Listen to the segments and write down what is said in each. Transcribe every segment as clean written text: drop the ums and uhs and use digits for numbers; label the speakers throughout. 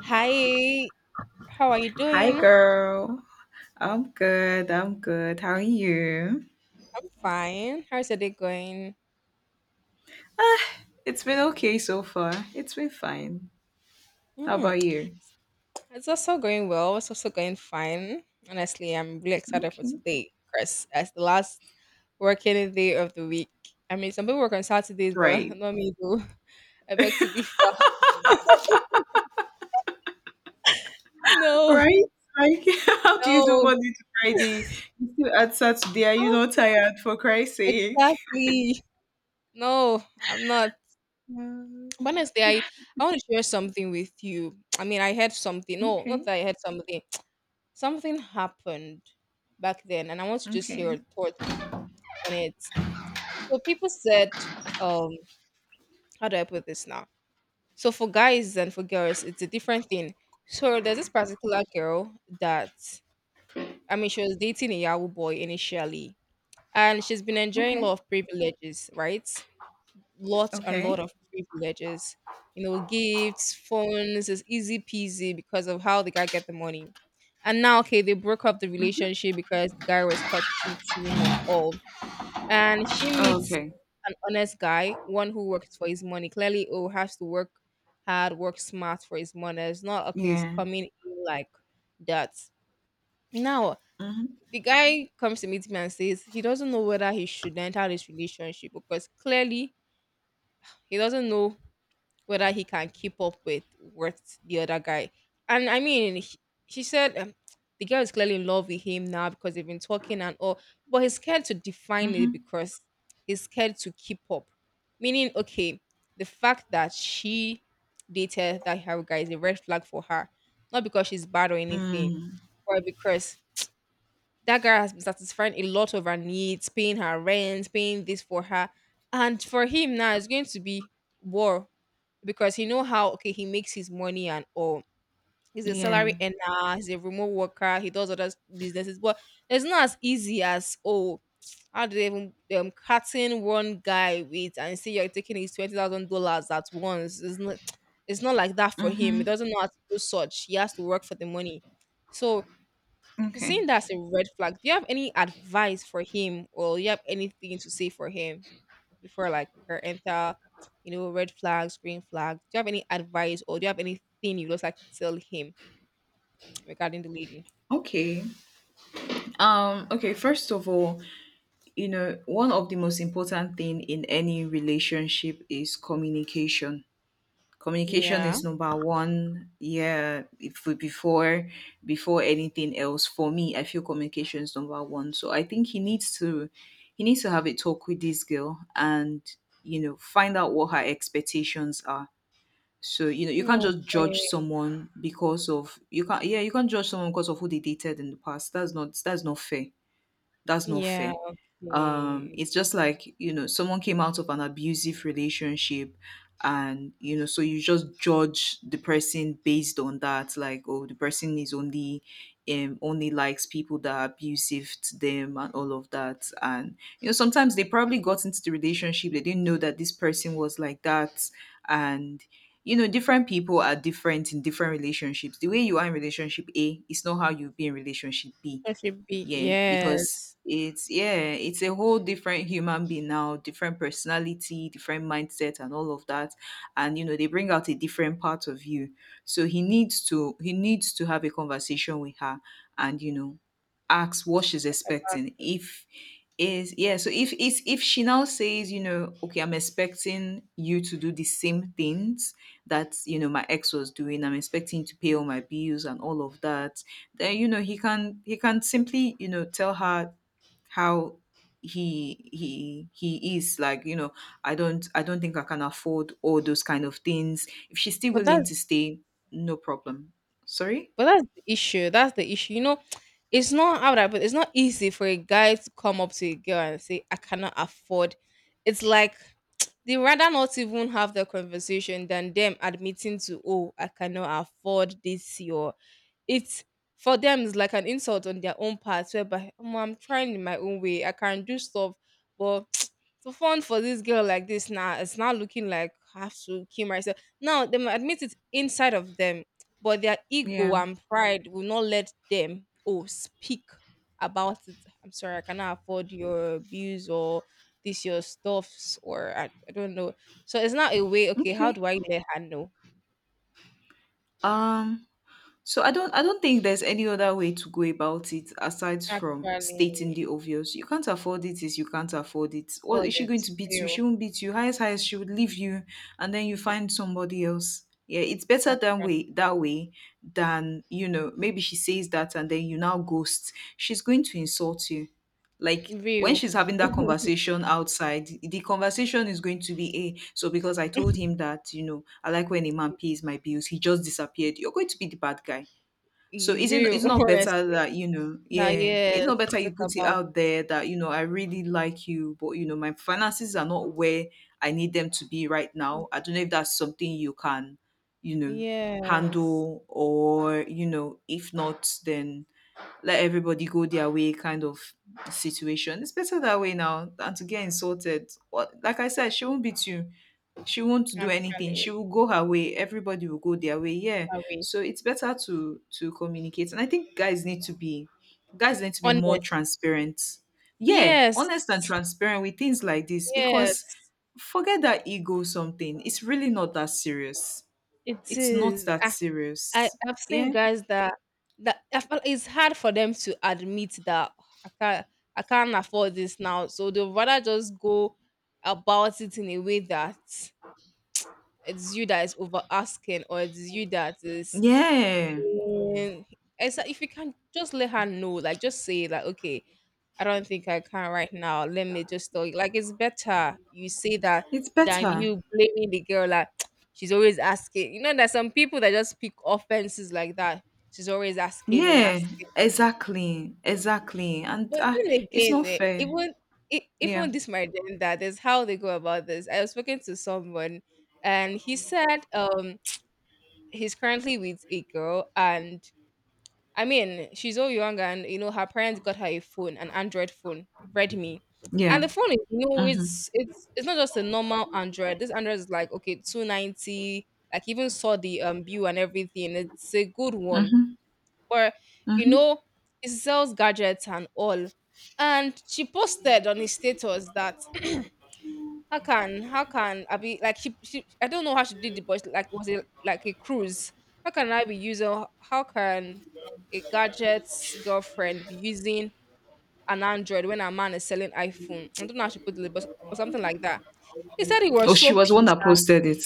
Speaker 1: Hi, how are you
Speaker 2: Hi,
Speaker 1: doing?
Speaker 2: girl. I'm good. How are you?
Speaker 1: I'm fine. How's your day going?
Speaker 2: Ah, it's been okay so far. It's been fine. How
Speaker 1: Mm,
Speaker 2: about you?
Speaker 1: it's also going well. It's also going fine. Honestly, I'm really excited for
Speaker 2: Okay.
Speaker 1: today because as the last working day of the week. I mean, some people work on Saturdays, but
Speaker 2: Right.
Speaker 1: not me though. I beg to differ. No,
Speaker 2: Right? Like, how do you do
Speaker 1: no,
Speaker 2: Monday to Friday? You still at Saturday. Are you
Speaker 1: Ah,
Speaker 2: not tired, for Christ's sake?
Speaker 1: exactly. No, I'm not.
Speaker 2: Um,
Speaker 1: But honestly, I want to share something with you. I mean, I heard something. No, not
Speaker 2: okay.
Speaker 1: that I heard something. Something happened back then, and I want to just hear
Speaker 2: Okay.
Speaker 1: your thoughts on it. So people said, um how do I put this now? So for guys and for girls it's a different thing. So there's this particular girl that, I mean, she was dating a Yahoo boy initially, and she's been enjoying a lot
Speaker 2: Okay.
Speaker 1: of privileges, right? Lot and lot
Speaker 2: Okay.
Speaker 1: of privileges. You know, gifts, phones is easy peasy because of how the guy get the money. And now, okay, they broke up the relationship because the guy was caught cheating and all. And she
Speaker 2: Mm-hmm.
Speaker 1: meets
Speaker 2: Okay.
Speaker 1: an honest guy, one who works for his money. Clearly, who has to work hard, work smart for his money. It's not okay. It's
Speaker 2: Yeah.
Speaker 1: coming in like that. Now,
Speaker 2: Mm-hmm.
Speaker 1: the guy comes to meet me and says he doesn't know whether he should enter this relationship because clearly he doesn't know whether he can keep up with the other guy. And I mean, she said, the girl is clearly in love with him now because they've been talking and all, but he's scared to define it
Speaker 2: Mm-hmm.
Speaker 1: because he's scared to keep up. Meaning, okay, the fact that she dated that her guy is a red flag for her, not because she's bad or anything,
Speaker 2: Mm.
Speaker 1: but because that guy has been satisfying a lot of her needs, paying her rent, paying this for her. And for him now, it's going to be war because he know how okay he makes his money and all. He's a
Speaker 2: Yeah.
Speaker 1: salary earner, he's a remote worker, he does other businesses, but it's not as easy as, oh, how do they even cutting one guy with and say you're taking his $20,000 at once? It's not, it's not like that for him. He
Speaker 2: Mm-hmm.
Speaker 1: doesn't know how to do such. He has to work for the money. So he's
Speaker 2: Okay.
Speaker 1: saying that's a red flag. Do you have any advice for him, or you have anything to say for him before, like, we can enter, you know, red flags, green flags? Do you have any advice, or do you have anything you just like to tell him regarding the lady?
Speaker 2: Okay. Okay, first of all, you know one of the most important thing in any relationship is communication, communication
Speaker 1: Yeah.
Speaker 2: is number one. Yeah, if we- before before anything else for me I feel communication is number one. So I think he needs to, he needs to have a talk with this girl and you know find out what her expectations are. So you know you
Speaker 1: Mm,
Speaker 2: can't just judge
Speaker 1: okay.
Speaker 2: someone because of, you can't, yeah, you can't judge someone because of who they dated in the past. That's not, that's not fair. That's not
Speaker 1: Yeah.
Speaker 2: fair.
Speaker 1: Okay.
Speaker 2: It's just like, you know, someone came out of an abusive relationship and, you know, so you just judge the person based on that, like, oh, the person is only only likes people that are abusive to them and all of that. And, you know, sometimes they probably got into the relationship, they didn't know that this person was like that, and you know, different people are different in different relationships. The way you are in relationship A is not how you'll be in relationship B.
Speaker 1: That should be
Speaker 2: Yeah, because
Speaker 1: yes.
Speaker 2: it's, yeah, it's a whole different human being now, different personality, different mindset and all of that, and you know they bring out a different part of you. So he needs to, he needs to have a conversation with her and you know asks what she's
Speaker 1: Uh,
Speaker 2: expecting. If is Yeah, so if she now says, you know, okay, I'm expecting you to do the same things that, you know, my ex was doing, I'm expecting you to pay all my bills and all of that, then you know he can, he can simply, you know, tell her how he is, like, you know, I don't, I don't think I can afford all those kind of things. If she's still
Speaker 1: But
Speaker 2: willing to
Speaker 1: that's
Speaker 2: stay, no problem. Sorry.
Speaker 1: but that's the issue. That's the issue. You know, it's not how that, but it's not easy for a guy to come up to a girl and say, "I cannot afford." It's like they rather not even have the conversation than them admitting to, oh, I cannot afford this your, it's, for them it's like an insult on their own part whereby, "Omo, I'm trying in my own way. I can do stuff, but to fun for this girl like this now, it's not looking like I have to kill myself." Now they might admit it inside of them, but their
Speaker 2: Yeah.
Speaker 1: ego and pride will not let them oh speak about it. I'm sorry, I cannot afford your bills or this your stuffs, or I don't know. So it's not a way, okay, how
Speaker 2: Okay.
Speaker 1: do I let her know?
Speaker 2: um So I don't, I don't think there's any other way to go about it aside from
Speaker 1: Actually,
Speaker 2: stating the obvious. You can't afford it is you can't afford it.
Speaker 1: for
Speaker 2: What is she
Speaker 1: the
Speaker 2: going to beat you?
Speaker 1: real.
Speaker 2: She won't beat you. Highest she would leave you, and then you find somebody else. Yeah, it's better that way, than, you know, maybe she says that and then you now ghost. She's going to insult you. Like when
Speaker 1: Real.
Speaker 2: she's having that conversation outside, the conversation is going to be, a, so because I told him that, you know, I like when a man pays my bills, he just disappeared. You're going to be the bad guy. So isn't,
Speaker 1: Real,
Speaker 2: it's not better
Speaker 1: honestly.
Speaker 2: that, you know,
Speaker 1: That
Speaker 2: yeah, it's
Speaker 1: yes,
Speaker 2: not
Speaker 1: we
Speaker 2: better you
Speaker 1: talk
Speaker 2: put it
Speaker 1: about
Speaker 2: out
Speaker 1: it.
Speaker 2: there that, you know, I really like you, but you know, my finances are not where I need them to be right now. I don't know if that's something you can, you know,
Speaker 1: Yes,
Speaker 2: handle or, you know, if not, then let everybody go their way kind of situation. It's better that way now than to get insulted. What, like I said, she won't beat you. She won't do anything. She
Speaker 1: actually,
Speaker 2: will go her way. Everybody will go their way. Yeah.
Speaker 1: that way.
Speaker 2: So it's better to communicate. And I think guys need to be, guys need to be more
Speaker 1: Honest.
Speaker 2: transparent. Yeah,
Speaker 1: Yes,
Speaker 2: honest and transparent with things like this because
Speaker 1: yes,
Speaker 2: forget that ego something. It's really not that serious.
Speaker 1: it
Speaker 2: It's not
Speaker 1: is.
Speaker 2: that
Speaker 1: I, I
Speaker 2: serious.
Speaker 1: I've seen
Speaker 2: Yeah.
Speaker 1: guys that I feel it's hard for them to admit that, "Oh, I can't afford this now," so they'd rather just go about it in a way that it's you that is over asking or it's you that is.
Speaker 2: Yeah.
Speaker 1: And it's like if you can just let her know, like just say like, okay, I don't think I can right now. Let me just tell you. Like it's better you say that
Speaker 2: It's
Speaker 1: than
Speaker 2: better.
Speaker 1: you blaming the girl, like, she's always asking. You know, there's some people that just pick offenses like that. She's always asking and
Speaker 2: Yeah,
Speaker 1: asking.
Speaker 2: exactly, exactly, and
Speaker 1: But
Speaker 2: uh,
Speaker 1: then
Speaker 2: it's
Speaker 1: again,
Speaker 2: not fair.
Speaker 1: even
Speaker 2: Yeah,
Speaker 1: even this my gender, there's how they go about this. I was speaking to someone and he said he's currently with a girl, and I mean, she's all young and you know her parents got her a phone, an Android phone, Redmi.
Speaker 2: yeah.
Speaker 1: And the phone is, you know,
Speaker 2: Mhm,
Speaker 1: it's not just a normal Android. This Android is like, okay, 290, like even saw the bill and everything. It's a good one.
Speaker 2: mhm,
Speaker 1: But you
Speaker 2: mhm.
Speaker 1: know, it sells gadgets and all. And she posted on his status that How can I be, like, she I don't know how she did it, but like it was it like a cruise? How can a gadget's girlfriend be using an Android when a man is selling iPhone? I don't know how she put it, but something like that. He said he was
Speaker 2: Oh, she
Speaker 1: so
Speaker 2: was the one
Speaker 1: pissed.
Speaker 2: that posted it.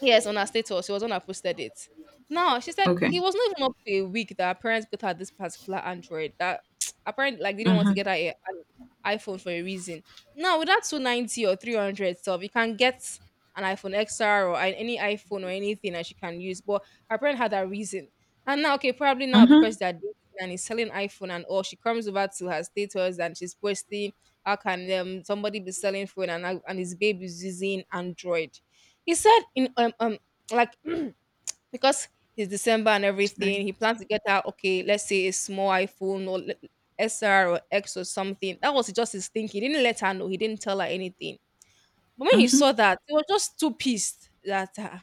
Speaker 1: Yes, on her status, she was the one that posted it. Now she said it
Speaker 2: Okay.
Speaker 1: was not even up to a week that her parents got her this particular Android that apparently like they didn't want to get
Speaker 2: Mhm,
Speaker 1: her an iPhone for a reason. Now with that 290 or 300 stuff, you can get an iPhone XR or any iPhone or anything that she can use. But her parent had that reason, and now okay, probably now
Speaker 2: mhm.
Speaker 1: because they're dating and he's selling iPhone and all, she comes over to her status and she's posting how can, somebody be selling phone and and his babe is using Android? He said in like because it's December and
Speaker 2: Sorry.
Speaker 1: everything, he plans to get out. Okay, let's say a small iPhone or SR or X or something. That was just his thinking. He didn't let her know. He didn't tell her anything, but when he
Speaker 2: Mhm.
Speaker 1: saw that, he was just too pissed that,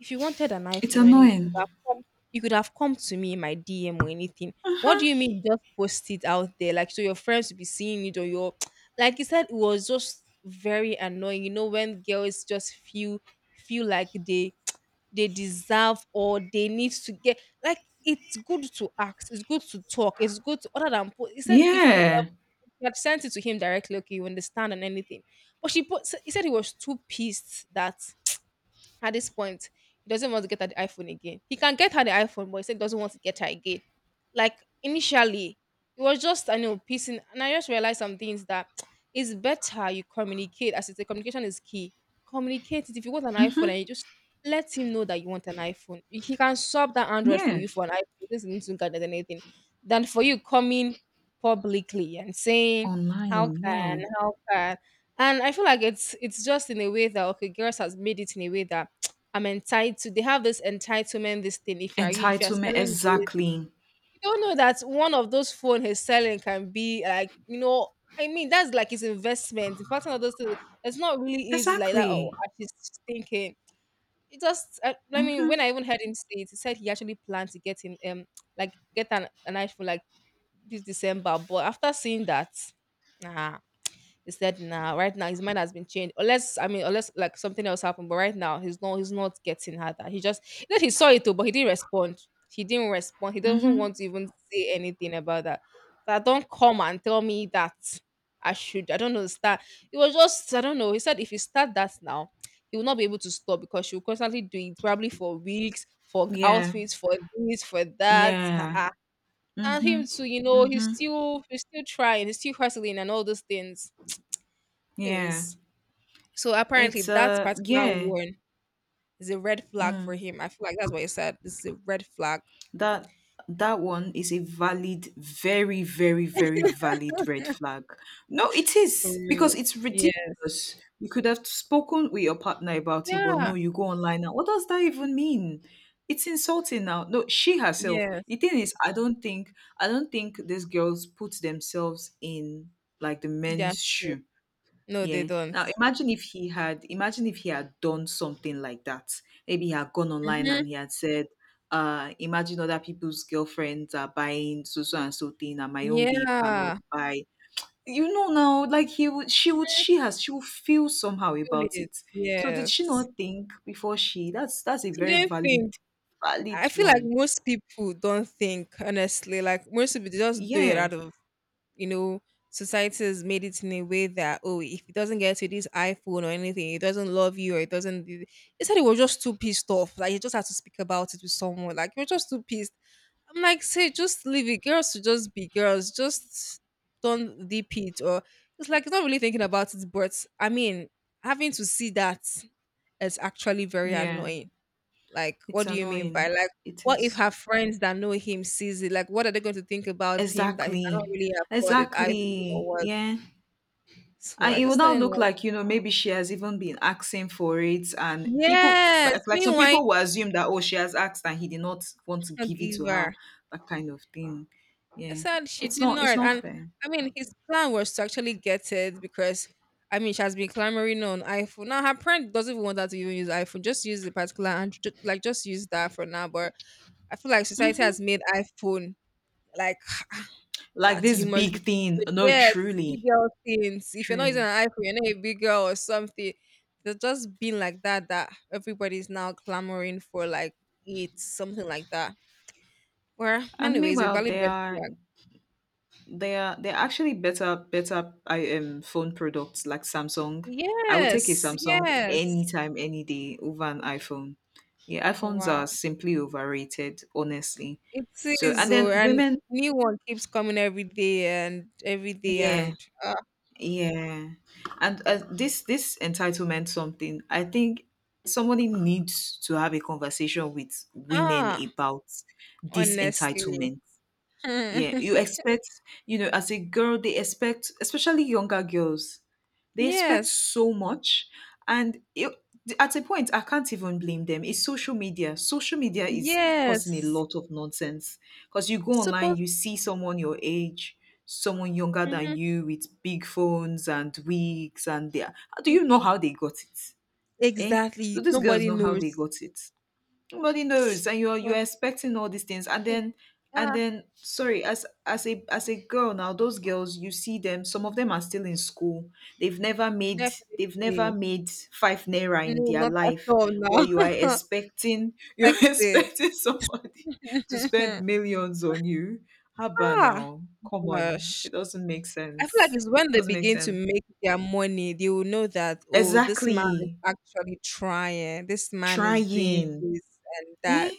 Speaker 1: if you wanted an
Speaker 2: It's
Speaker 1: iPhone or anything, you
Speaker 2: annoying.
Speaker 1: could have come, you could have come to me in my DM or anything. What do you
Speaker 2: Mhm.
Speaker 1: mean you just post it out there? Like, so your friends will be seeing it, or your. Like he said, it was just very annoying. You know, when girls just feel like they they deserve or they need to get, like, it's good to ask, it's good to talk, it's good to, other than he said if you,
Speaker 2: Yeah,
Speaker 1: she had sent it to him directly. Okay, you understand and anything. But she put, he said he was too pissed that at this point, he doesn't want to get her the iPhone again. He can get her the iPhone, but he said he doesn't want to get her again. Like initially, it was just I know piecing, and I just realized some things that it's better you communicate. As it's a, communication is key. Communicate it. If you want an iPhone, and you just let him know that you want an iPhone. He can swap that Android for
Speaker 2: yeah.
Speaker 1: you for an iPhone. This isn't to look at anything. Than for you coming publicly and saying, "How
Speaker 2: Online.
Speaker 1: can?
Speaker 2: Yeah.
Speaker 1: How can?" And I feel like it's just in a way that, okay, girls has made it in a way that I'm entitled. They have this entitlement, this thing. If you are you, if you are
Speaker 2: Entitlement.
Speaker 1: selling this,
Speaker 2: Exactly.
Speaker 1: you don't know that one of those phone he's selling can be, like, you know, I mean, that's like his investment. In fact, one of those things, it's not really easy like that. Oh,
Speaker 2: Exactly.
Speaker 1: I just thinking. It just, I mean, when
Speaker 2: Mhm,
Speaker 1: I even heard him say it, he said he actually planned to get him, like get an iPhone like this December. But after seeing that, nah, he said, "Nah, right now his mind has been changed." Unless, I mean, unless like something else happened, but right now he's not. He's not getting her. That he just, he said he saw it too, but he didn't respond. He didn't respond. He doesn't want
Speaker 2: mhm.
Speaker 1: to even say anything about that. That don't come and tell me that I should. I don't know. Start. It was just I don't know. He said if you start that now, he will not be able to stop because she will constantly do it probably for weeks, for
Speaker 2: Yeah,
Speaker 1: outfits, for this, for that. Ah,
Speaker 2: yeah.
Speaker 1: ah. And him
Speaker 2: Mhm,
Speaker 1: too, you know,
Speaker 2: mhm.
Speaker 1: he's still trying, he's still hustling and all those things.
Speaker 2: Yeah.
Speaker 1: Anyways, so apparently
Speaker 2: It's
Speaker 1: that
Speaker 2: uh.
Speaker 1: particular
Speaker 2: Yeah.
Speaker 1: one is a red flag for
Speaker 2: Mm.
Speaker 1: him. I feel like that's what he said. This is a red flag.
Speaker 2: that that one is a valid, very, very, very valid red flag. No, it
Speaker 1: For
Speaker 2: is,
Speaker 1: real.
Speaker 2: because it's
Speaker 1: Yes.
Speaker 2: ridiculous. You could have spoken with your partner about it, but no,
Speaker 1: Yeah.
Speaker 2: you go online. Now what does that even mean? It's insulting. Now, no, she herself,
Speaker 1: Yes.
Speaker 2: the thing is I don't think, I don't think these girls put themselves in, like, the men's
Speaker 1: That's true.
Speaker 2: shoe.
Speaker 1: No, they
Speaker 2: Yeah.
Speaker 1: don't.
Speaker 2: Now imagine if he had, imagine if he had done something like that. Maybe he had gone online
Speaker 1: Mm-hmm.
Speaker 2: and he had said, imagine other people's girlfriends are buying so so and so thing and my own babe cannot
Speaker 1: Yeah.
Speaker 2: buy. You know now, like he would, she would, she has, she would feel somehow
Speaker 1: Feel
Speaker 2: about
Speaker 1: it.
Speaker 2: it. So did she
Speaker 1: Yes.
Speaker 2: not think before she, that's a
Speaker 1: She
Speaker 2: very
Speaker 1: didn't
Speaker 2: valid,
Speaker 1: think.
Speaker 2: valid
Speaker 1: I feel like
Speaker 2: one.
Speaker 1: most people don't think, honestly. Like most people they just do it
Speaker 2: Yeah.
Speaker 1: out of you know, society has made it in a way that, oh, if it doesn't get to this iPhone or anything, it doesn't love you or it doesn't. He said he was just too pissed off. Like, he just had to speak about it with someone. Like, you're just too pissed. I'm like, say, just leave it. Girls should just be girls. Just don't deep it. Or it's like, he's not really thinking about it. But I mean, having to see that is actually very
Speaker 2: Yeah.
Speaker 1: annoying, like,
Speaker 2: It's
Speaker 1: what do you mean by,
Speaker 2: annoying.
Speaker 1: like,
Speaker 2: It
Speaker 1: what if
Speaker 2: is.
Speaker 1: her friends that know him sees it? Like, what are they going to think about him that he cannot
Speaker 2: Exactly.
Speaker 1: really afford it? I or
Speaker 2: Exactly.
Speaker 1: what?
Speaker 2: Yeah.
Speaker 1: So
Speaker 2: And
Speaker 1: I
Speaker 2: it would
Speaker 1: just thought,
Speaker 2: now look like, you know, maybe she has even been asking for it, and people
Speaker 1: yes,
Speaker 2: like some
Speaker 1: meanwhile,
Speaker 2: people will assume that, oh, she has asked and he did not want to
Speaker 1: a
Speaker 2: give it to her,
Speaker 1: giver.
Speaker 2: that kind of thing.
Speaker 1: I
Speaker 2: Yeah,
Speaker 1: said she
Speaker 2: it's
Speaker 1: did
Speaker 2: not, it's
Speaker 1: not.
Speaker 2: not
Speaker 1: And
Speaker 2: fair.
Speaker 1: I mean, his plan was to actually get it because I mean, she has been clamoring on iPhone. Now, her parent doesn't even want her to even use iPhone. Just use the particular and like just use that for now. But I feel like society has made iPhone like
Speaker 2: Like
Speaker 1: that
Speaker 2: this
Speaker 1: you must
Speaker 2: big thing, no,
Speaker 1: yes, big
Speaker 2: truly,
Speaker 1: girl things. If you're not using
Speaker 2: truly.
Speaker 1: an iPhone, you're not a big girl or something. They're just being like that everybody's now clamoring for, like, it, something like that. Well,
Speaker 2: And
Speaker 1: anyways, a
Speaker 2: meanwhile
Speaker 1: valid
Speaker 2: they
Speaker 1: red
Speaker 2: are,
Speaker 1: flag.
Speaker 2: they're actually better, better, I phone products like Samsung. I would take a
Speaker 1: Yes,
Speaker 2: Samsung
Speaker 1: yes.
Speaker 2: anytime, any day over an iPhone. Yeah, iPhones are
Speaker 1: Wow.
Speaker 2: simply overrated, honestly.
Speaker 1: It
Speaker 2: So and
Speaker 1: is, oh,
Speaker 2: then
Speaker 1: and
Speaker 2: women,
Speaker 1: new one keeps coming every day
Speaker 2: yeah,
Speaker 1: and uh,
Speaker 2: yeah, and this, this entitlement something. I think somebody needs to have a conversation with women
Speaker 1: ah,
Speaker 2: about this
Speaker 1: honestly.
Speaker 2: entitlement. Yeah, you expect, you know, as a girl, they expect, especially younger girls, they expect
Speaker 1: Yes.
Speaker 2: so much. And it, at a point, I can't even blame them. It's social media. Social media is causing a
Speaker 1: Yes.
Speaker 2: lot of nonsense because you go online,
Speaker 1: Suppose.
Speaker 2: you see someone your age, someone younger than
Speaker 1: Mhm.
Speaker 2: you with big phones and wigs, and they are- do you know how they got it? Eh? Do
Speaker 1: Exactly.
Speaker 2: these girls
Speaker 1: Nobody
Speaker 2: know how they
Speaker 1: knows.
Speaker 2: got it? Nobody knows, and you're
Speaker 1: But
Speaker 2: expecting all these things, and
Speaker 1: mm,
Speaker 2: then, and
Speaker 1: ah,
Speaker 2: then sorry, as a, as a girl now, those girls you see them, some of them are still in school. They've never made they've never
Speaker 1: definitely.
Speaker 2: made five naira in
Speaker 1: No,
Speaker 2: their
Speaker 1: not at
Speaker 2: life,
Speaker 1: all now.
Speaker 2: but you are expecting you're
Speaker 1: Expected.
Speaker 2: expecting somebody to spend millions on you. Haba
Speaker 1: Ah,
Speaker 2: now, come on,
Speaker 1: gosh.
Speaker 2: it doesn't make
Speaker 1: I feel like
Speaker 2: sense.
Speaker 1: it's when they
Speaker 2: Doesn't make
Speaker 1: begin to
Speaker 2: sense.
Speaker 1: make their money, they will know that, oh, this man is
Speaker 2: Exactly.
Speaker 1: actually trying. This man is doing
Speaker 2: Trying,
Speaker 1: this and that.
Speaker 2: eh?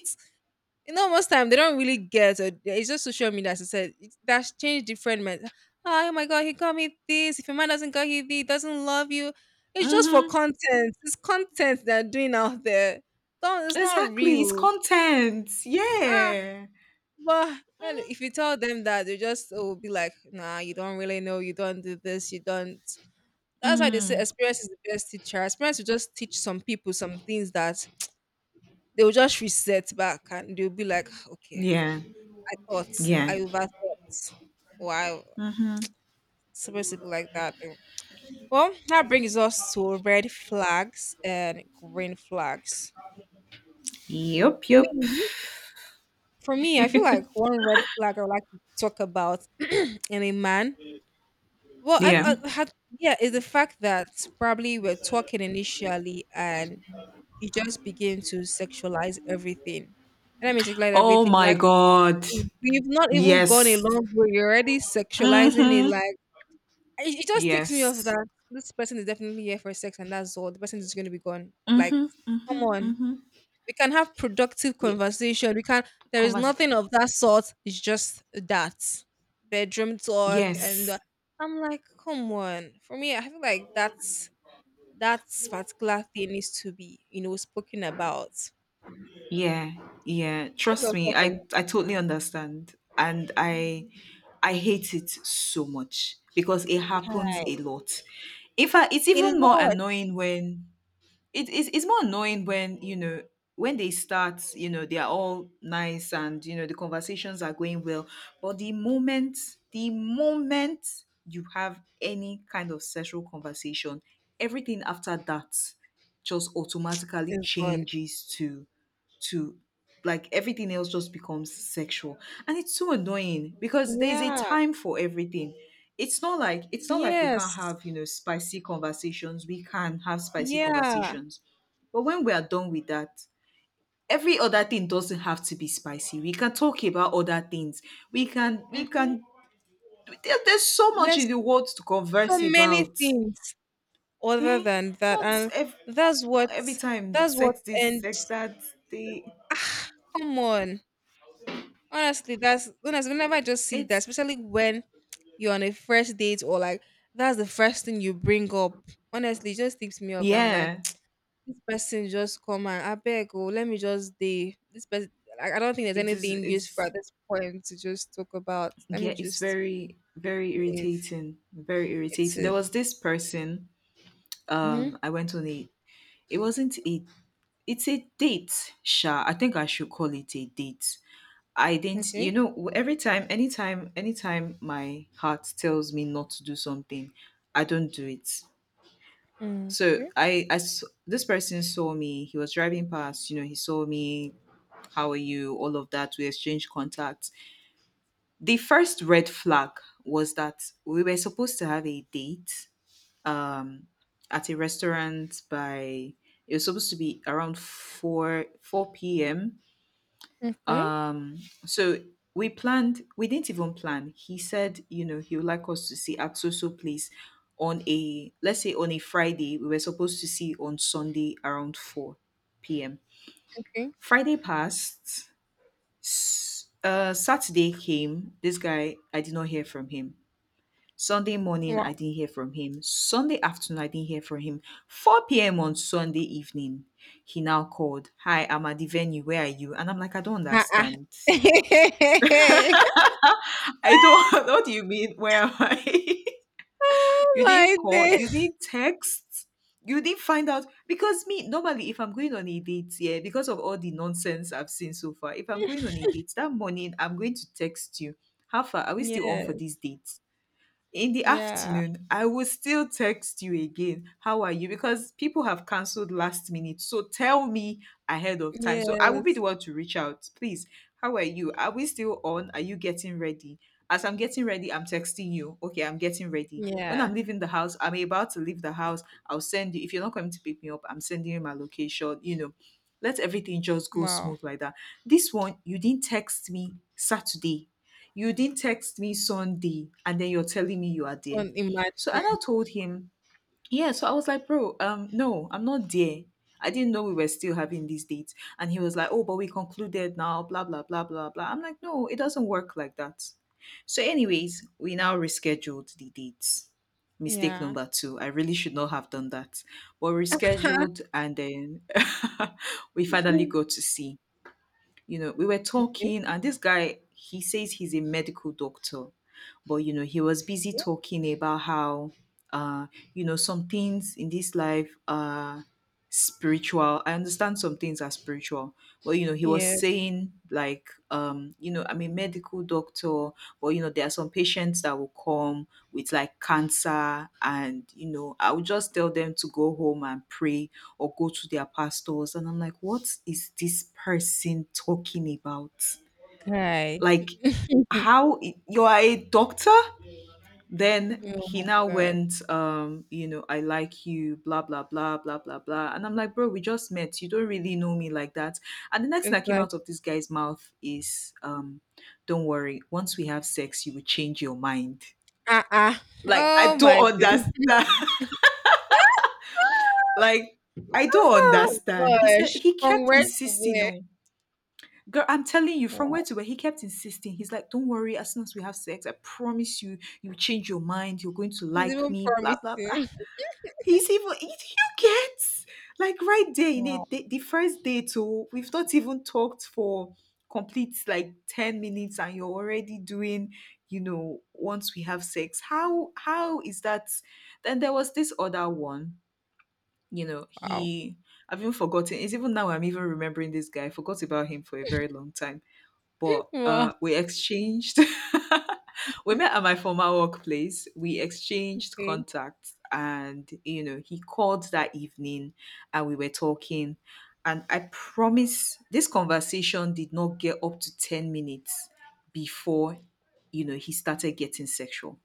Speaker 1: You know, most time they don't really get it. It's just social media, as I said. It's, that's changed different men. Oh my god, he got me this. If a man doesn't got you, he doesn't love you. It's just for
Speaker 2: Mm-hmm.
Speaker 1: content. It's content they're doing out there. Don't, it's not
Speaker 2: Exactly, it's
Speaker 1: real.
Speaker 2: content.
Speaker 1: Ah,
Speaker 2: Yeah.
Speaker 1: but and if you tell them that, they just will be like, nah, you don't really know. You don't do this. You don't. That's why they say
Speaker 2: Mm.
Speaker 1: experience is the best teacher. Experience will just teach some people some things that they will just reset back and they'll be like, okay,
Speaker 2: Yeah.
Speaker 1: I thought.
Speaker 2: Yeah.
Speaker 1: I overthought. Wow.
Speaker 2: Mm-hmm.
Speaker 1: Supposed to be like that. Though. Well, that brings us to red flags and green flags.
Speaker 2: Yup,
Speaker 1: Me,
Speaker 2: yup.
Speaker 1: for me, I feel like one red flag I would like to talk about in a man. Well,
Speaker 2: Yeah.
Speaker 1: yeah, is the fact that probably we're talking initially and you just begin to sexualize everything. And I mean, sexualize
Speaker 2: Oh
Speaker 1: everything.
Speaker 2: my
Speaker 1: Like,
Speaker 2: God.
Speaker 1: we've not even
Speaker 2: Yes.
Speaker 1: gone a long way. You're already sexualizing it.
Speaker 2: Mm-hmm.
Speaker 1: Like, it just takes me off
Speaker 2: Yes.
Speaker 1: that this person is definitely here for sex and that's all. The person is going to be gone. Like,
Speaker 2: Mm-hmm.
Speaker 1: come on.
Speaker 2: Mm-hmm.
Speaker 1: We can have productive
Speaker 2: Yeah.
Speaker 1: conversation. We can. There is
Speaker 2: Converse.
Speaker 1: nothing of that sort. It's just that bedroom talk, and
Speaker 2: Yes.
Speaker 1: I'm like, come on. For me, I feel like that particular thing needs to be, spoken about.
Speaker 2: Yeah. Yeah.
Speaker 1: What's
Speaker 2: Trust
Speaker 1: your
Speaker 2: me,
Speaker 1: thoughts on that?
Speaker 2: I totally understand. And I hate it so much because it happens
Speaker 1: Kai?
Speaker 2: a lot. In fact, it's
Speaker 1: A
Speaker 2: even more
Speaker 1: lot
Speaker 2: annoying when it is, it's more annoying when you know, when they start, you know, they are all nice and you know the conversations are going well, but the moment you have any kind of sexual conversation, everything after that just automatically
Speaker 1: is gone.
Speaker 2: changes to, like, everything else just becomes sexual. And it's so annoying because there's a
Speaker 1: Yeah.
Speaker 2: time for everything. It's not like, it's not like we can't
Speaker 1: Yes.
Speaker 2: have, you know, spicy conversations. We can have spicy
Speaker 1: Yeah.
Speaker 2: conversations, but when we are done with that, every other thing doesn't have to be spicy. We can talk about other things. We can, we
Speaker 1: Mm-hmm.
Speaker 2: can, there, there's so much in
Speaker 1: Let's
Speaker 2: the world to
Speaker 1: so
Speaker 2: converse
Speaker 1: many
Speaker 2: about,
Speaker 1: things other
Speaker 2: eh?
Speaker 1: than that
Speaker 2: not
Speaker 1: and
Speaker 2: ev-
Speaker 1: that's what
Speaker 2: Not every time
Speaker 1: that's what
Speaker 2: sex this,
Speaker 1: and
Speaker 2: sex that. They,
Speaker 1: ah, come on, honestly, that's honestly whenever I just see that,
Speaker 2: it's,
Speaker 1: especially when you're on a first date or like that's the first thing you bring up, honestly it just tips me off. I'm like
Speaker 2: yeah,
Speaker 1: this person just come and I beg, oh, let me just day this person. Like, I don't think there's
Speaker 2: it is,
Speaker 1: anything useful
Speaker 2: it's,
Speaker 1: at this point to just talk about, let me
Speaker 2: yeah, it's
Speaker 1: just
Speaker 2: very, very
Speaker 1: leave.
Speaker 2: irritating, very
Speaker 1: It's
Speaker 2: irritating. There
Speaker 1: it
Speaker 2: was this person,
Speaker 1: Mm-hmm.
Speaker 2: I went on a, it wasn't a, it's a date sha, I think I should call it a date. I didn't, you
Speaker 1: Okay.
Speaker 2: know, every time, anytime my heart tells me not to do something, I don't do it.
Speaker 1: Mm,
Speaker 2: So
Speaker 1: okay.
Speaker 2: this person saw me, he was driving past, you know, he saw me, how are you, all of that, we exchanged contact. The first red flag was that we were supposed to have a date, um, at a restaurant by, it was supposed to be around 4 p.m.
Speaker 1: Okay.
Speaker 2: So we planned, we didn't even plan. He said, you know, he would like us to see at so so place on a, let's say, on a Friday. We were supposed to see on Sunday around 4 p.m.
Speaker 1: Okay.
Speaker 2: Friday passed. Saturday came. This guy, I did not hear from him. Sunday morning, I didn't hear from him. Sunday afternoon, I didn't hear from him. 4 p.m. on Sunday evening, he now called. Hi, I'm at the venue. Where are you? And I'm like, I don't
Speaker 1: Uh-uh.
Speaker 2: understand. I don't, what do you mean? Where am I?
Speaker 1: Oh
Speaker 2: You didn't
Speaker 1: my
Speaker 2: call.
Speaker 1: day.
Speaker 2: You didn't text. You didn't find out. Because me, normally, if I'm going on a date, yeah, because of all the nonsense I've seen so far, if I'm going on a date that morning, I'm going to text you. How far? Are we still on for this
Speaker 1: Yes.
Speaker 2: date? In the
Speaker 1: Yeah.
Speaker 2: afternoon, I will still text you again. How are you? Because people have canceled last minute. So tell me ahead of time. So I will be the
Speaker 1: Yes.
Speaker 2: one to reach out. Please, how are you? Are we still on? Are you getting ready? As I'm getting ready, I'm texting you. Okay, I'm getting ready. When
Speaker 1: Yeah.
Speaker 2: I'm leaving the house, I'm about to leave the house, I'll send you. If you're not coming to pick me up, I'm sending you my location. You know, let everything just go
Speaker 1: Wow.
Speaker 2: smooth like that. This one, you didn't text me Saturday, you didn't text me Sunday, and then you're telling me you are
Speaker 1: So
Speaker 2: there. So, and
Speaker 1: imagine.
Speaker 2: I told him, yeah. So I was like, bro, no, I'm not there. I didn't know we were still having these dates. And he was like, oh, but we concluded now, blah, blah, blah, blah, blah. I'm like, no, it doesn't work like that. So anyways, we now rescheduled the dates. Mistake
Speaker 1: Yeah.
Speaker 2: number two. I really should not have done that. But we rescheduled, and then we finally got to see. You know, we were
Speaker 1: Okay.
Speaker 2: talking, and this guy, he says he's a medical doctor, but you know, he was busy talking about how, uh, you know, some things in this life are spiritual. I understand some things are spiritual, but you know, he was
Speaker 1: Yeah.
Speaker 2: saying like, you know, I'm a medical doctor, but you know, there are some patients that will come with like cancer, and you know, I would just tell them to go home and pray or go to their pastors. And I'm like, what is this person talking about?
Speaker 1: Okay.
Speaker 2: Like, how? You are a doctor. Then
Speaker 1: Oh
Speaker 2: he
Speaker 1: my
Speaker 2: now
Speaker 1: gosh.
Speaker 2: went, you know, I like you, blah, blah, blah, blah, blah, blah. And I'm like, bro, we just met, you don't really know me like that. And the next thing
Speaker 1: It's
Speaker 2: that came
Speaker 1: like,
Speaker 2: out of this guy's mouth is, um, don't worry, once we have sex, you will change your mind.
Speaker 1: uh-uh.
Speaker 2: Like, I
Speaker 1: Oh my
Speaker 2: don't
Speaker 1: day.
Speaker 2: understand. Like, I don't
Speaker 1: Oh
Speaker 2: understand. He said
Speaker 1: gosh.
Speaker 2: he
Speaker 1: From
Speaker 2: kept
Speaker 1: where to
Speaker 2: insisting
Speaker 1: where?
Speaker 2: on, girl, I'm telling you, from where
Speaker 1: Wow.
Speaker 2: to where, he kept insisting. He's like, don't worry, as soon as we have sex, I promise you, you change your mind, you're going to
Speaker 1: It's
Speaker 2: like
Speaker 1: even
Speaker 2: me, blah, blah, blah.
Speaker 1: promising.
Speaker 2: He, you get like right there in
Speaker 1: Wow.
Speaker 2: it. The first day too. We've not even talked for complete like 10 minutes, and you're already doing. You know, once we have sex, how is that? Then there was this other one. You know,
Speaker 1: Wow.
Speaker 2: he, I've even forgotten. It's even now I'm even remembering this guy. I forgot about him for a very long time, but
Speaker 1: Wow.
Speaker 2: we exchanged. We met at my former workplace. We exchanged
Speaker 1: Okay.
Speaker 2: contacts, and you know, he called that evening, and we were talking. And I promise, this conversation did not get up to 10 minutes before, you know, he started getting sexual.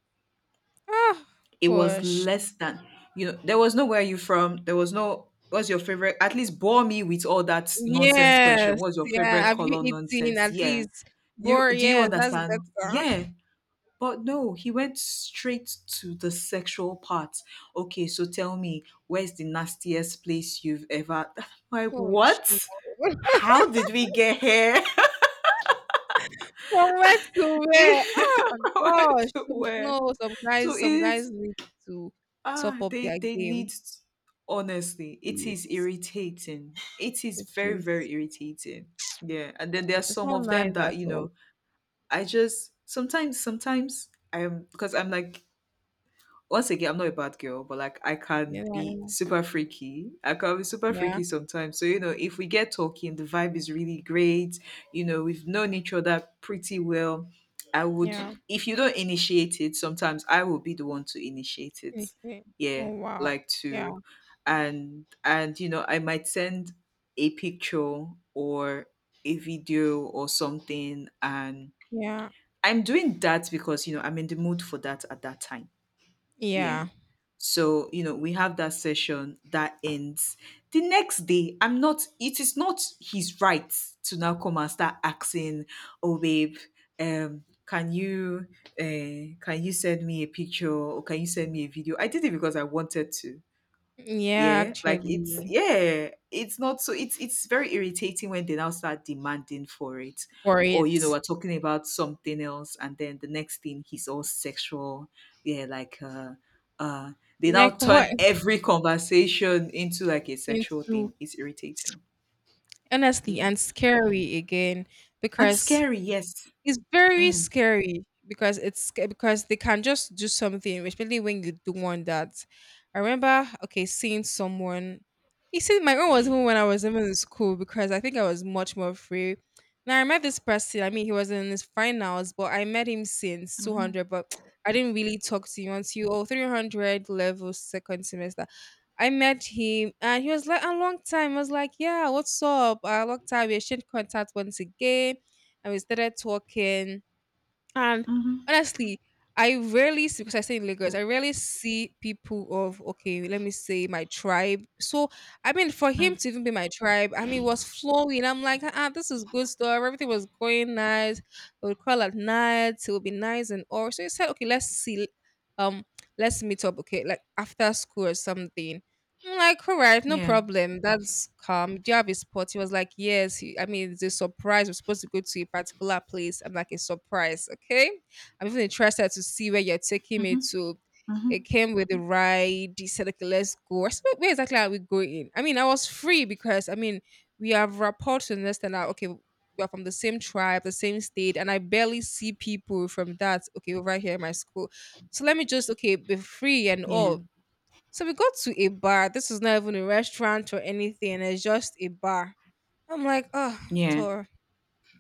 Speaker 1: Oh
Speaker 2: It was
Speaker 1: gosh.
Speaker 2: less than, you know, there was no where you from. There was no what's your favorite. At least bore me with all that nonsense question.
Speaker 1: Yes,
Speaker 2: What's your
Speaker 1: yeah.
Speaker 2: favorite
Speaker 1: Have you
Speaker 2: color
Speaker 1: eaten
Speaker 2: nonsense?
Speaker 1: at
Speaker 2: Yeah,
Speaker 1: least?
Speaker 2: you
Speaker 1: Bor,
Speaker 2: do, you
Speaker 1: yes, that's
Speaker 2: understand?
Speaker 1: better.
Speaker 2: Yeah. But no, he went straight to the sexual part. Okay, so tell me, where's the nastiest place you've ever like
Speaker 1: Oh, Chimo.
Speaker 2: what? How did we get here?
Speaker 1: From where to where? Oh
Speaker 2: Where
Speaker 1: gosh.
Speaker 2: to
Speaker 1: Some,
Speaker 2: where?
Speaker 1: no,
Speaker 2: So
Speaker 1: some
Speaker 2: it's,
Speaker 1: guys need to
Speaker 2: ah,
Speaker 1: top up
Speaker 2: they
Speaker 1: their
Speaker 2: they
Speaker 1: game,
Speaker 2: need, honestly, it is
Speaker 1: please.
Speaker 2: irritating. It is
Speaker 1: It
Speaker 2: very,
Speaker 1: is.
Speaker 2: very irritating. Yeah. And then there are
Speaker 1: It's
Speaker 2: some
Speaker 1: not
Speaker 2: of
Speaker 1: nice
Speaker 2: them that,
Speaker 1: at
Speaker 2: you
Speaker 1: all.
Speaker 2: know, I just sometimes, sometimes I'm, because I'm like, once again, I'm not a bad girl, but like I can
Speaker 1: You know what I
Speaker 2: be
Speaker 1: mean?
Speaker 2: super freaky. I can be super
Speaker 1: Yeah.
Speaker 2: freaky sometimes. So, you know, if we get talking, the vibe is really great. You know, we've known each other pretty well. I would,
Speaker 1: Yeah.
Speaker 2: if you don't initiate it, sometimes I will be the one to initiate it.
Speaker 1: Mhm.
Speaker 2: Yeah,
Speaker 1: Oh wow.
Speaker 2: like
Speaker 1: Yeah.
Speaker 2: to, and, you know, I might send a picture or a video or something. And
Speaker 1: Yeah.
Speaker 2: I'm doing that because, you know, I'm in the mood for that at that time, yeah.
Speaker 1: Yeah.
Speaker 2: So, you know, we have that session that ends. The next day, I'm not, it is not his right to now come and start asking, oh, babe, um, can you can you send me a picture, or can you send me a video? I did it because I wanted to.
Speaker 1: Yeah.
Speaker 2: Yeah, like it's,
Speaker 1: Actually,
Speaker 2: yeah, it's not, so it's very irritating when they now start demanding for it.
Speaker 1: for
Speaker 2: Or you know,
Speaker 1: it,
Speaker 2: we're talking about something else, and then the next thing he's all sexual. Yeah, like, uh they now
Speaker 1: like what,
Speaker 2: turn every conversation into like a sexual
Speaker 1: into,
Speaker 2: thing. It's irritating.
Speaker 1: honestly,
Speaker 2: Yeah.
Speaker 1: and scary again
Speaker 2: And
Speaker 1: because
Speaker 2: scary, yes.
Speaker 1: it's very
Speaker 2: Mm.
Speaker 1: scary because it's because they can just do something, especially when you do want that. I remember, okay, seeing someone. You see, my own was even when I was even in school because I think I was much more free. Now I met this person. I mean, he was in his finals, but I met him since two
Speaker 2: Mm-hmm.
Speaker 1: hundred. But I didn't really talk to him until, oh, 300 level second semester. I met him and he was like, a long time. I was like, yeah, what's up? A long time. We exchanged contact once again and we started talking. And
Speaker 2: Mm-hmm.
Speaker 1: honestly, I rarely see, because I stay in Lagos, I rarely see people of, okay, let me say my tribe. So I mean, for him
Speaker 2: Mm.
Speaker 1: to even be my tribe, I mean, it was flowing. I'm like, ah, ah, this is good stuff. Everything was going nice. We would call at night. It would be nice and all. So he said, okay, let's see, um, let's meet up. Okay, like after school or something. I'm like, all right, no
Speaker 2: Yeah.
Speaker 1: problem. That's calm. Do you have a spot? He was like, yes. I mean, it's a surprise. We're supposed to go to a particular place. I'm like, a surprise, okay? I'm even interested to see where you're taking me
Speaker 2: Mm-hmm.
Speaker 1: to.
Speaker 2: Mm-hmm.
Speaker 1: It came with a ride. He said, okay, let's go. I said, where exactly are we going?" I mean, I was free because, I mean, we have rapport to understand that, okay, we are from the same tribe, the same state, and I barely see people from that, okay, over here in my school. So let me just, okay, be free and
Speaker 2: Yeah.
Speaker 1: all, so we go to a bar. This is not even a restaurant or anything. It's just a bar. I'm like, oh,
Speaker 2: Yeah.
Speaker 1: Tor,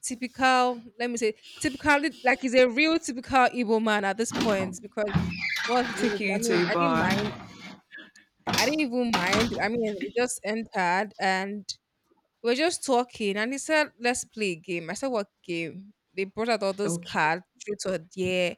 Speaker 1: typical. Typically, like, he's a real typical Igbo man at this point, because what's
Speaker 2: Take
Speaker 1: this?
Speaker 2: you
Speaker 1: I mean,
Speaker 2: into a
Speaker 1: I didn't
Speaker 2: bar.
Speaker 1: mind. I didn't even mind. I mean, we just entered and we were just talking. And he said, let's play a game. I said, what game? They brought out all those
Speaker 2: Okay.
Speaker 1: cards, truth or dare.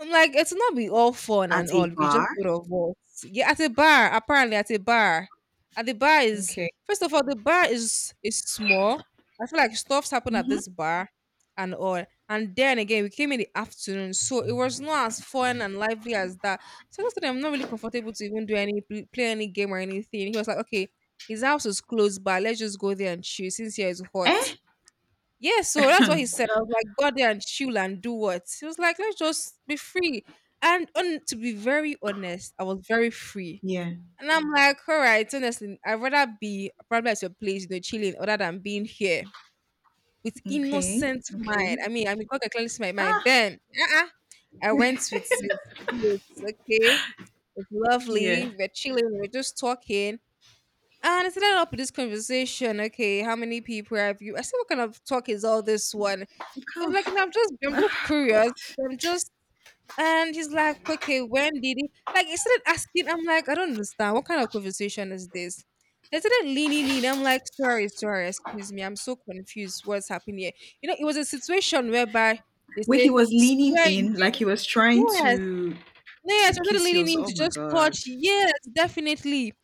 Speaker 1: I'm like, it's not be all fun and
Speaker 2: At
Speaker 1: all.
Speaker 2: a
Speaker 1: We could
Speaker 2: bar.
Speaker 1: just go to us. Yeah, at a bar, apparently at a bar. At the bar is,
Speaker 2: Okay.
Speaker 1: first of all, the bar is small. I feel like stuff's happened at
Speaker 2: Mm-hmm.
Speaker 1: this bar and all. And then again, we came in the afternoon, so it was not as fun and lively as that. So that's why I'm not really comfortable to even do any play any game or anything. He was like, okay, his house is close by. Let's just go there and chill since here is hot.
Speaker 2: Eh?
Speaker 1: Yeah, so that's what
Speaker 2: Hmm.
Speaker 1: he said. I was like, go there and chill and do what? He was like, let's just be free. And on, to be very honest, I was very free.
Speaker 2: Yeah.
Speaker 1: And I'm like, all right, honestly, I'd rather be probably at your place, you know, chilling, other than being here with
Speaker 2: Okay.
Speaker 1: innocent mind.
Speaker 2: Okay.
Speaker 1: I mean, God can clearly see my mind.
Speaker 2: Ah,
Speaker 1: Then, uh-uh, I went with this place, okay? It's
Speaker 2: yeah.
Speaker 1: lovely. We're chilling, we're just talking. And I ended up with this conversation. Okay, how many people have you? I said, what kind of talk is all this one?
Speaker 2: It
Speaker 1: I
Speaker 2: kind
Speaker 1: was like, "No,
Speaker 2: of.
Speaker 1: I'm just
Speaker 2: Ah, God.
Speaker 1: curious. I'm just," and he's like, okay, when did he? Like, he started asking. I'm like, I don't understand. What kind of conversation is this? They started leaning in. I'm like, sorry, sorry, excuse me. I'm so confused. What's happening here? You know, it was a situation whereby they
Speaker 2: Where he
Speaker 1: say,
Speaker 2: was leaning
Speaker 1: swear you
Speaker 2: in,
Speaker 1: did.
Speaker 2: like he was trying
Speaker 1: Yes. No, yes,
Speaker 2: to
Speaker 1: you're
Speaker 2: kiss you.
Speaker 1: leading in
Speaker 2: Oh
Speaker 1: to
Speaker 2: my
Speaker 1: just
Speaker 2: God.
Speaker 1: touch. Yes, definitely. It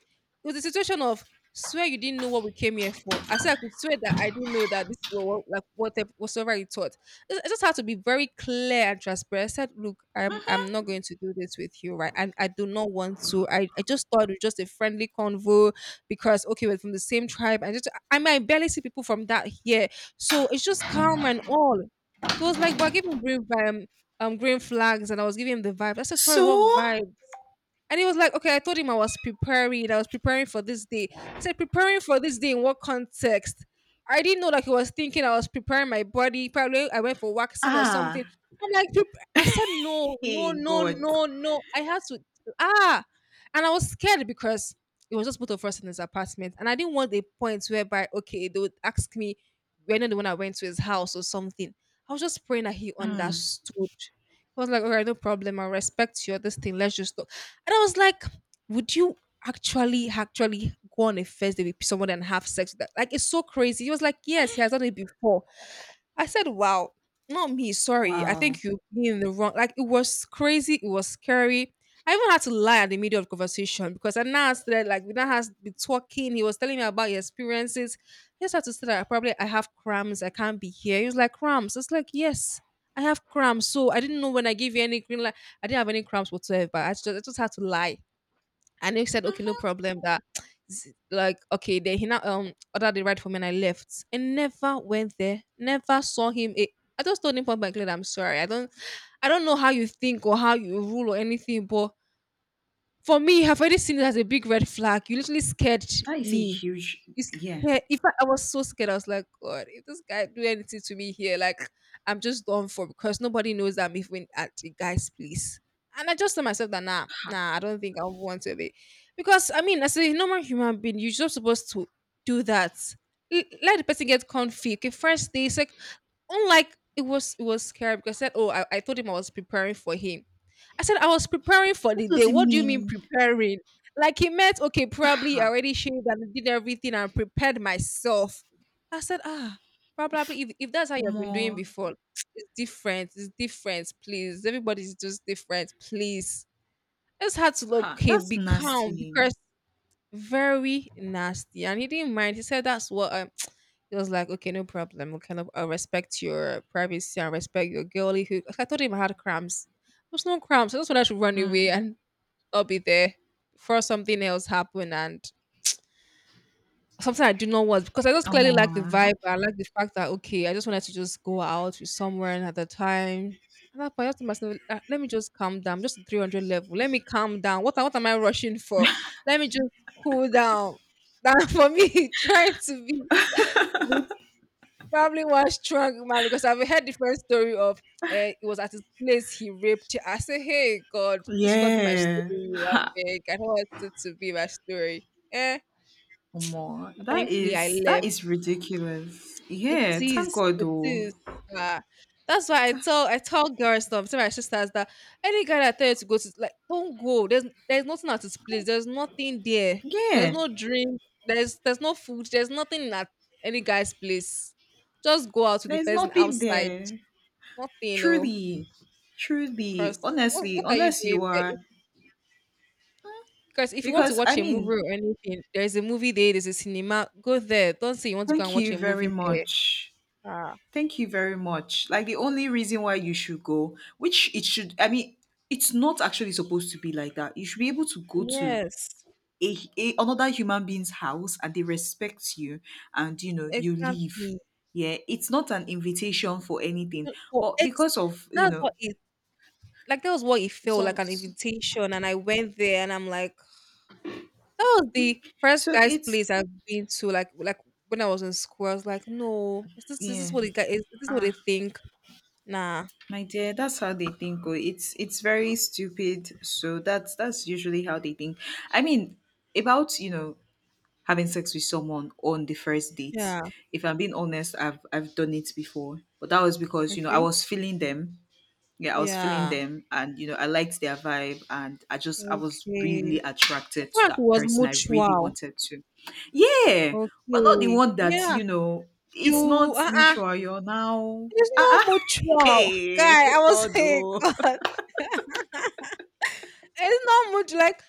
Speaker 1: was a situation of, swear you didn't know what we came here for. I said I could swear that I didn't know that this was what, like whatever whatsoever you taught. I just had to be very clear and transparent. I said, look, I'm
Speaker 2: Mhm.
Speaker 1: not going to do this with you, right? And I do not want to. I just thought it was just a friendly convo because okay, we're from the same tribe. I mean I barely see people from that here. So it's just calm and all. He was like, but I gave him brief green flags and I was giving him the vibe. I said, sorry,
Speaker 2: So,
Speaker 1: what vibe? And he was like, okay, I told him I was preparing. I was preparing for this day. I said, preparing for this day in what context? I didn't know that he was thinking I was preparing my body. Probably I went for waxing or
Speaker 2: ah,
Speaker 1: something. I'm like, "Prep- I said, no, no,
Speaker 2: hey
Speaker 1: no,
Speaker 2: God.
Speaker 1: no, no. I had to, ah. And I was scared because it was just both of us in his apartment. And I didn't want a point whereby, okay, they would ask me, we're not the one I went to his house or something. I was just praying that he
Speaker 2: Mm.
Speaker 1: understood. He was like, all right, no problem. I respect you. This thing, let's just and I was like, would you actually go on a first date with someone and have sex with that? Like, it's so crazy. He was like, yes, he has done it before. I said, wow, not me. Sorry. I
Speaker 2: Wow.
Speaker 1: think you've been in the wrong. Like, it was crazy. It was scary. I even had to lie at the middle of the conversation because I now started like we now has been talking. He was telling me about his experiences. I just had to say that I probably I have cramps. I can't be here. He was like cramps. It's like yes, I have cramps. So I didn't know when I gave you any green light. I didn't have any cramps whatsoever. I just had to lie. And he said, okay, no problem. That z- like okay, then he now ordered the ride for me and I left. And never went there. Never saw him. A- I just told him point blank, that I'm sorry. I don't know how you think or how you rule or anything, but for me, I've already seen it as a big red flag. You literally scared
Speaker 2: That is a
Speaker 1: me.
Speaker 2: huge.
Speaker 1: You
Speaker 2: Yeah.
Speaker 1: scared. If I was so scared, I was like, God, if this guy do anything to me here, like I'm just done for because nobody knows that I'm even at the guy's place. And I just told myself that nah,
Speaker 2: Ha.
Speaker 1: nah, I don't think I want to be, because I mean, as a normal human being, you're just supposed to do that. L- Let the person get comfy. Okay, first day, sec. Unlike it was scary because I said, oh, I told him I was preparing for him I said, I was preparing for
Speaker 2: What
Speaker 1: the day.
Speaker 2: does it
Speaker 1: What do you mean
Speaker 2: mean?
Speaker 1: preparing? Like he meant, okay, probably I
Speaker 2: Ha.
Speaker 1: already shaved and did everything and prepared myself. I said, ah, probably if that's how you've
Speaker 2: Omo.
Speaker 1: been doing before, it's different. It's different, please. Everybody's just different, please. It's hard to look,
Speaker 2: Ha.
Speaker 1: okay,
Speaker 2: That's
Speaker 1: be calm,
Speaker 2: nasty.
Speaker 1: because very nasty and he didn't mind he said that's what he was like okay no problem we kind of respect your privacy and respect your girlyhood." I told him I had cramps. There's no cramps. I just wanted to run away
Speaker 2: Mm.
Speaker 1: and I'll be there before something else happened and something I did not want because I just clearly
Speaker 2: Omo.
Speaker 1: like the vibe. I like the fact that okay, I just wanted to just go out with someone at the time. At that point, I thought to myself, "Ah, let me just calm down, just to 300 level. Let me calm down. What am I rushing for? Let me just cool down. That for me, trying to be with probably one strong man because I've heard different story of it was at his place he raped her. I said, hey God, this will not be my
Speaker 2: Yeah.
Speaker 1: story. I
Speaker 2: Ha.
Speaker 1: beg. I don't want it to be my story. Eh,
Speaker 2: Omo, that
Speaker 1: thankfully I
Speaker 2: is, that
Speaker 1: left.
Speaker 2: is ridiculous.
Speaker 1: It
Speaker 2: Yeah, thank
Speaker 1: is.
Speaker 2: God
Speaker 1: It
Speaker 2: though.
Speaker 1: is. Ah, that's why I tell girls stuff to my sisters that any guy that tell you to go to like don't go. There's nothing at his place. There's nothing there. There's
Speaker 2: Yeah,
Speaker 1: no drink. There's no food. There's nothing at any guy's place. Just go out with the
Speaker 2: there's
Speaker 1: person
Speaker 2: nothing
Speaker 1: outside.
Speaker 2: there.
Speaker 1: Nothing, oh.
Speaker 2: Truly, truly,
Speaker 1: Cause
Speaker 2: honestly,
Speaker 1: what are you
Speaker 2: unless
Speaker 1: doing
Speaker 2: you
Speaker 1: there?
Speaker 2: are,
Speaker 1: If, because if you want to
Speaker 2: because I
Speaker 1: watch a movie
Speaker 2: mean,
Speaker 1: or anything, there's a movie there. There's a cinema. Go there. Don't say you want to go and
Speaker 2: thank
Speaker 1: watch
Speaker 2: you
Speaker 1: a
Speaker 2: very
Speaker 1: movie there.
Speaker 2: much.
Speaker 1: Ah,
Speaker 2: Thank you very much. Like the only reason why you should go, which it should, I mean, it's not actually supposed to be like that. You should be able to go to
Speaker 1: yes.
Speaker 2: a another human being's house and they respect you, and you know you leave.
Speaker 1: Exactly.
Speaker 2: Yeah, it's not an invitation for anything,
Speaker 1: Went for
Speaker 2: but
Speaker 1: ex
Speaker 2: because of, you
Speaker 1: that's
Speaker 2: know,
Speaker 1: what it like, that was what it felt
Speaker 2: some,
Speaker 1: like an invitation, and I went there, and I'm like that was the first
Speaker 2: so
Speaker 1: guy's
Speaker 2: it's,
Speaker 1: place I've been to, like, when I was in school, I was like, "No, is this is
Speaker 2: yeah,
Speaker 1: this what it got is this what they
Speaker 2: ah,
Speaker 1: think? Nah."
Speaker 2: my dear, that's how they think. Oh, it's very stupid. So that's usually how they think. I mean, about, you know, having sex with someone on the first date.
Speaker 1: Yeah,
Speaker 2: If I'm being honest, I've done it before, but that was because, you know, I
Speaker 1: okay.
Speaker 2: was feeling them. Yeah, I was feeling
Speaker 1: Yeah,
Speaker 2: them, and you know, I liked their vibe, and I just, I was really
Speaker 1: okay. So
Speaker 2: attracted
Speaker 1: far
Speaker 2: to
Speaker 1: as it
Speaker 2: that
Speaker 1: was
Speaker 2: person. I really
Speaker 1: mutual.
Speaker 2: wanted to. Yeah. But not the
Speaker 1: Okay.
Speaker 2: one that,
Speaker 1: Yeah.
Speaker 2: you know, it's
Speaker 1: You
Speaker 2: not
Speaker 1: uh-uh.
Speaker 2: mutual, you're now,
Speaker 1: It's
Speaker 2: ah,
Speaker 1: not
Speaker 2: ah,
Speaker 1: mutual.
Speaker 2: hey
Speaker 1: Guy, I was
Speaker 2: God
Speaker 1: like,
Speaker 2: oh.
Speaker 1: God. It's not much like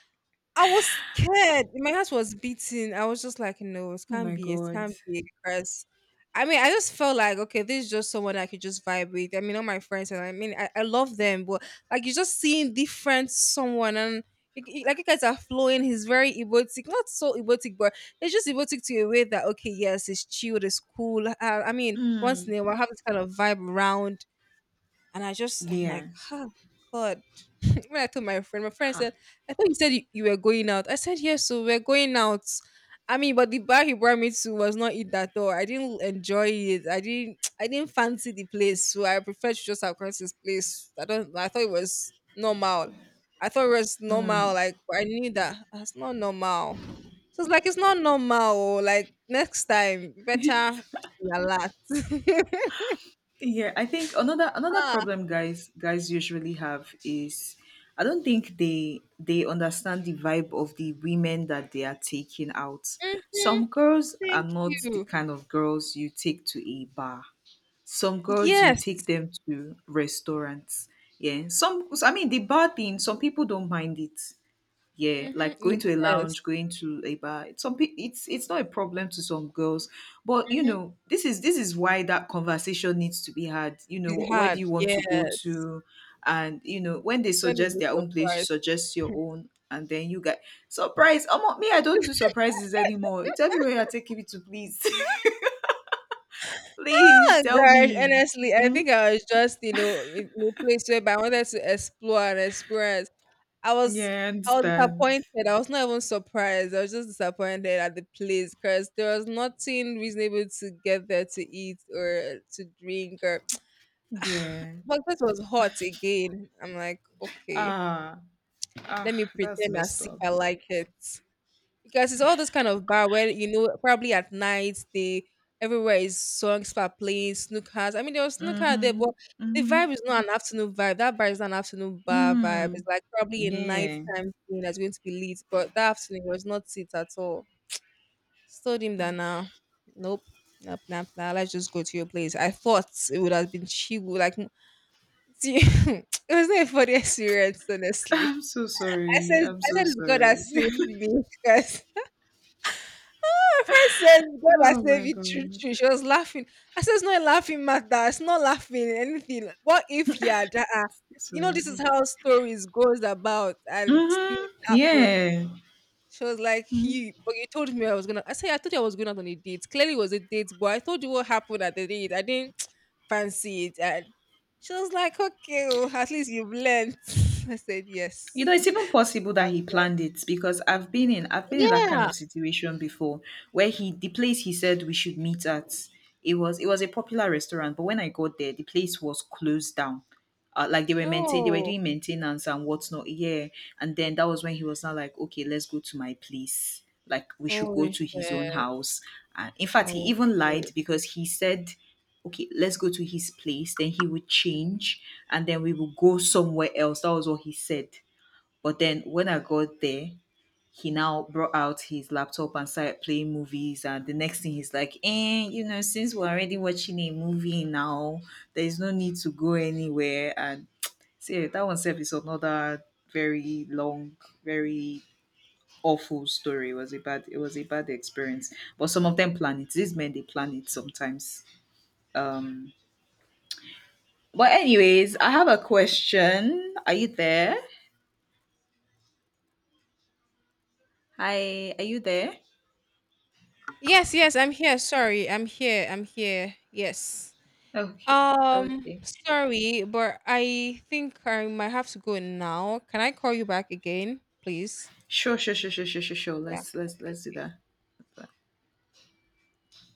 Speaker 1: I was scared. My heart was beating. I was just like, no, it
Speaker 2: Oh
Speaker 1: can't
Speaker 2: my
Speaker 1: be. It
Speaker 2: God.
Speaker 1: can't be. Because I mean, I just felt like, okay, this is just someone I could just vibe with. I mean, all my friends, and I mean, I love them, but like, you're just seeing different someone and. You- you- Like you guys are flowing, he's very erotic, not so erotic, but it's just erotic to a way that okay, yes, it's chill, it's cool. I mean, once
Speaker 2: Mm,
Speaker 1: in a while, have this kind of vibe around and I just, I'm
Speaker 2: yeah.
Speaker 1: like, oh God. when I told my friend
Speaker 2: Ha.
Speaker 1: said, I thought you said you were going out. I said, yes, so we're going out. I mean, but the bar he brought me to was not it at all. I didn't enjoy it. I didn't, I didn't fancy the place. So I preferred to just have gone to this place. I don't, I thought it was normal. I thought it was
Speaker 2: Mm.
Speaker 1: normal. Like, but I knew that that's not normal. So it's like, it's not normal. Oh, like, next time, better relax.
Speaker 2: Yeah, I think another
Speaker 1: Ah,
Speaker 2: problem guys usually have is, I don't think they understand the vibe of the women that they are taking out.
Speaker 1: mhm.
Speaker 2: Some girls are
Speaker 1: Thank
Speaker 2: not the
Speaker 1: you.
Speaker 2: kind of girls you take to a bar. Some girls you
Speaker 1: Yes.
Speaker 2: take them to restaurants. Yeah. Some, I mean, the bar thing, some people don't mind it. Yeah,
Speaker 1: Mhm.
Speaker 2: like going to a
Speaker 1: Yes.
Speaker 2: lounge, going to a bar. It's some it's not a problem to some girls, but you
Speaker 1: Mhm.
Speaker 2: know, this is, this is why that conversation needs to be had. You know,
Speaker 1: It
Speaker 2: where do
Speaker 1: had.
Speaker 2: you want to go
Speaker 1: Yes.
Speaker 2: to, and you know, when they
Speaker 1: The send is
Speaker 2: suggest
Speaker 1: a
Speaker 2: their own place, you
Speaker 1: surprise.
Speaker 2: suggest your own, and then you get surprise. Oh, me, I don't do surprises anymore. Tell me where you're taking me to, please, please
Speaker 1: Oh
Speaker 2: tell
Speaker 1: gosh,
Speaker 2: me.
Speaker 1: honestly, I
Speaker 2: Hmm?
Speaker 1: think I was just, you know, in a place where I wanted to explore and experience. I was
Speaker 2: Yeah, I
Speaker 1: I was
Speaker 2: understand.
Speaker 1: disappointed. I was not even surprised. I was just disappointed at the place because there was nothing reasonable to get there to eat or to drink or
Speaker 2: Yeah.
Speaker 1: but this was hot again. I'm like, okay,
Speaker 2: Ah,
Speaker 1: let
Speaker 2: ah,
Speaker 1: me
Speaker 2: that's
Speaker 1: pretend
Speaker 2: messed
Speaker 1: as if
Speaker 2: up.
Speaker 1: I like it. Because it's all this kind of bar where you know probably at night they everywhere is songs are playing snookers. I mean there was snooker there, but
Speaker 2: Mm-hmm.
Speaker 1: the
Speaker 2: Mm-hmm.
Speaker 1: vibe is not an afternoon vibe. That bar is not an afternoon bar vibe.
Speaker 2: Mm.
Speaker 1: It's like probably a
Speaker 2: Yeah.
Speaker 1: nighttime thing that's going to be lit. But that afternoon was not it at all. Told him that now. Nope. Nope, nope, nah. Let's just go to your place. I thought it would have been chill, like see, it was not a funny experience, honestly.
Speaker 2: I'm so
Speaker 1: I
Speaker 2: sorry.
Speaker 1: said,
Speaker 2: I'm
Speaker 1: I
Speaker 2: so
Speaker 1: said, it's God that
Speaker 2: sorry.
Speaker 1: saved me, guys. My friend said, God has
Speaker 2: Oh
Speaker 1: saved
Speaker 2: my
Speaker 1: you true,
Speaker 2: God.
Speaker 1: true. She was laughing. I said, it's not a laughing matter. It's not laughing anything. What if he had, you know, this is
Speaker 2: Sorry.
Speaker 1: how stories goes about and things
Speaker 2: Mm-hmm.
Speaker 1: happen.
Speaker 2: Yeah.
Speaker 1: She was like, he, but you told me I was gonna. I said, I told you I was going out on a date. Clearly, it was a date, but I told you what happened at the date. I didn't fancy it. And she was like, okay, oh, at least you've learned. I said,
Speaker 2: You
Speaker 1: yes.
Speaker 2: know, it's even possible that he
Speaker 1: Like,
Speaker 2: planned it, because I've been in that kind
Speaker 1: yeah.
Speaker 2: of situation before, where he, the place he said we should meet at, it was, it was a popular restaurant, but when I got there, the place was closed down. Like, they were maintain they were
Speaker 1: Oh,
Speaker 2: doing maintenance and whatnot. Yeah. And then that was when he was not like, okay, let's go to my place. Like, we should
Speaker 1: oh,
Speaker 2: go to his own
Speaker 1: shit.
Speaker 2: house. And in fact, he even
Speaker 1: Okay.
Speaker 2: lied, because he said, okay, let's go to his place, then he would change, and then we will go somewhere else. That was what he said. But then when I got there, he now brought out his laptop and started playing movies. And the next thing, he's like, eh, you know, since we're already watching a movie now, there's no need to go anywhere. And see, that one self is another very long, very awful story. It was a bad, it was a bad experience. But some of them plan it. These men, they plan it sometimes. Um but anyways, I have a question. Are you there? Hi, are you there?
Speaker 1: Yes, yes, I'm here. Sorry, I'm here. I'm here. Yes.
Speaker 2: Okay. Okay.
Speaker 1: Sorry, but I think I might have to go now. Can I call you back again, please?
Speaker 2: Sure, sure, sure, sure, sure, sure, sure.
Speaker 1: Yeah.
Speaker 2: Let's do
Speaker 1: Okay.
Speaker 2: that.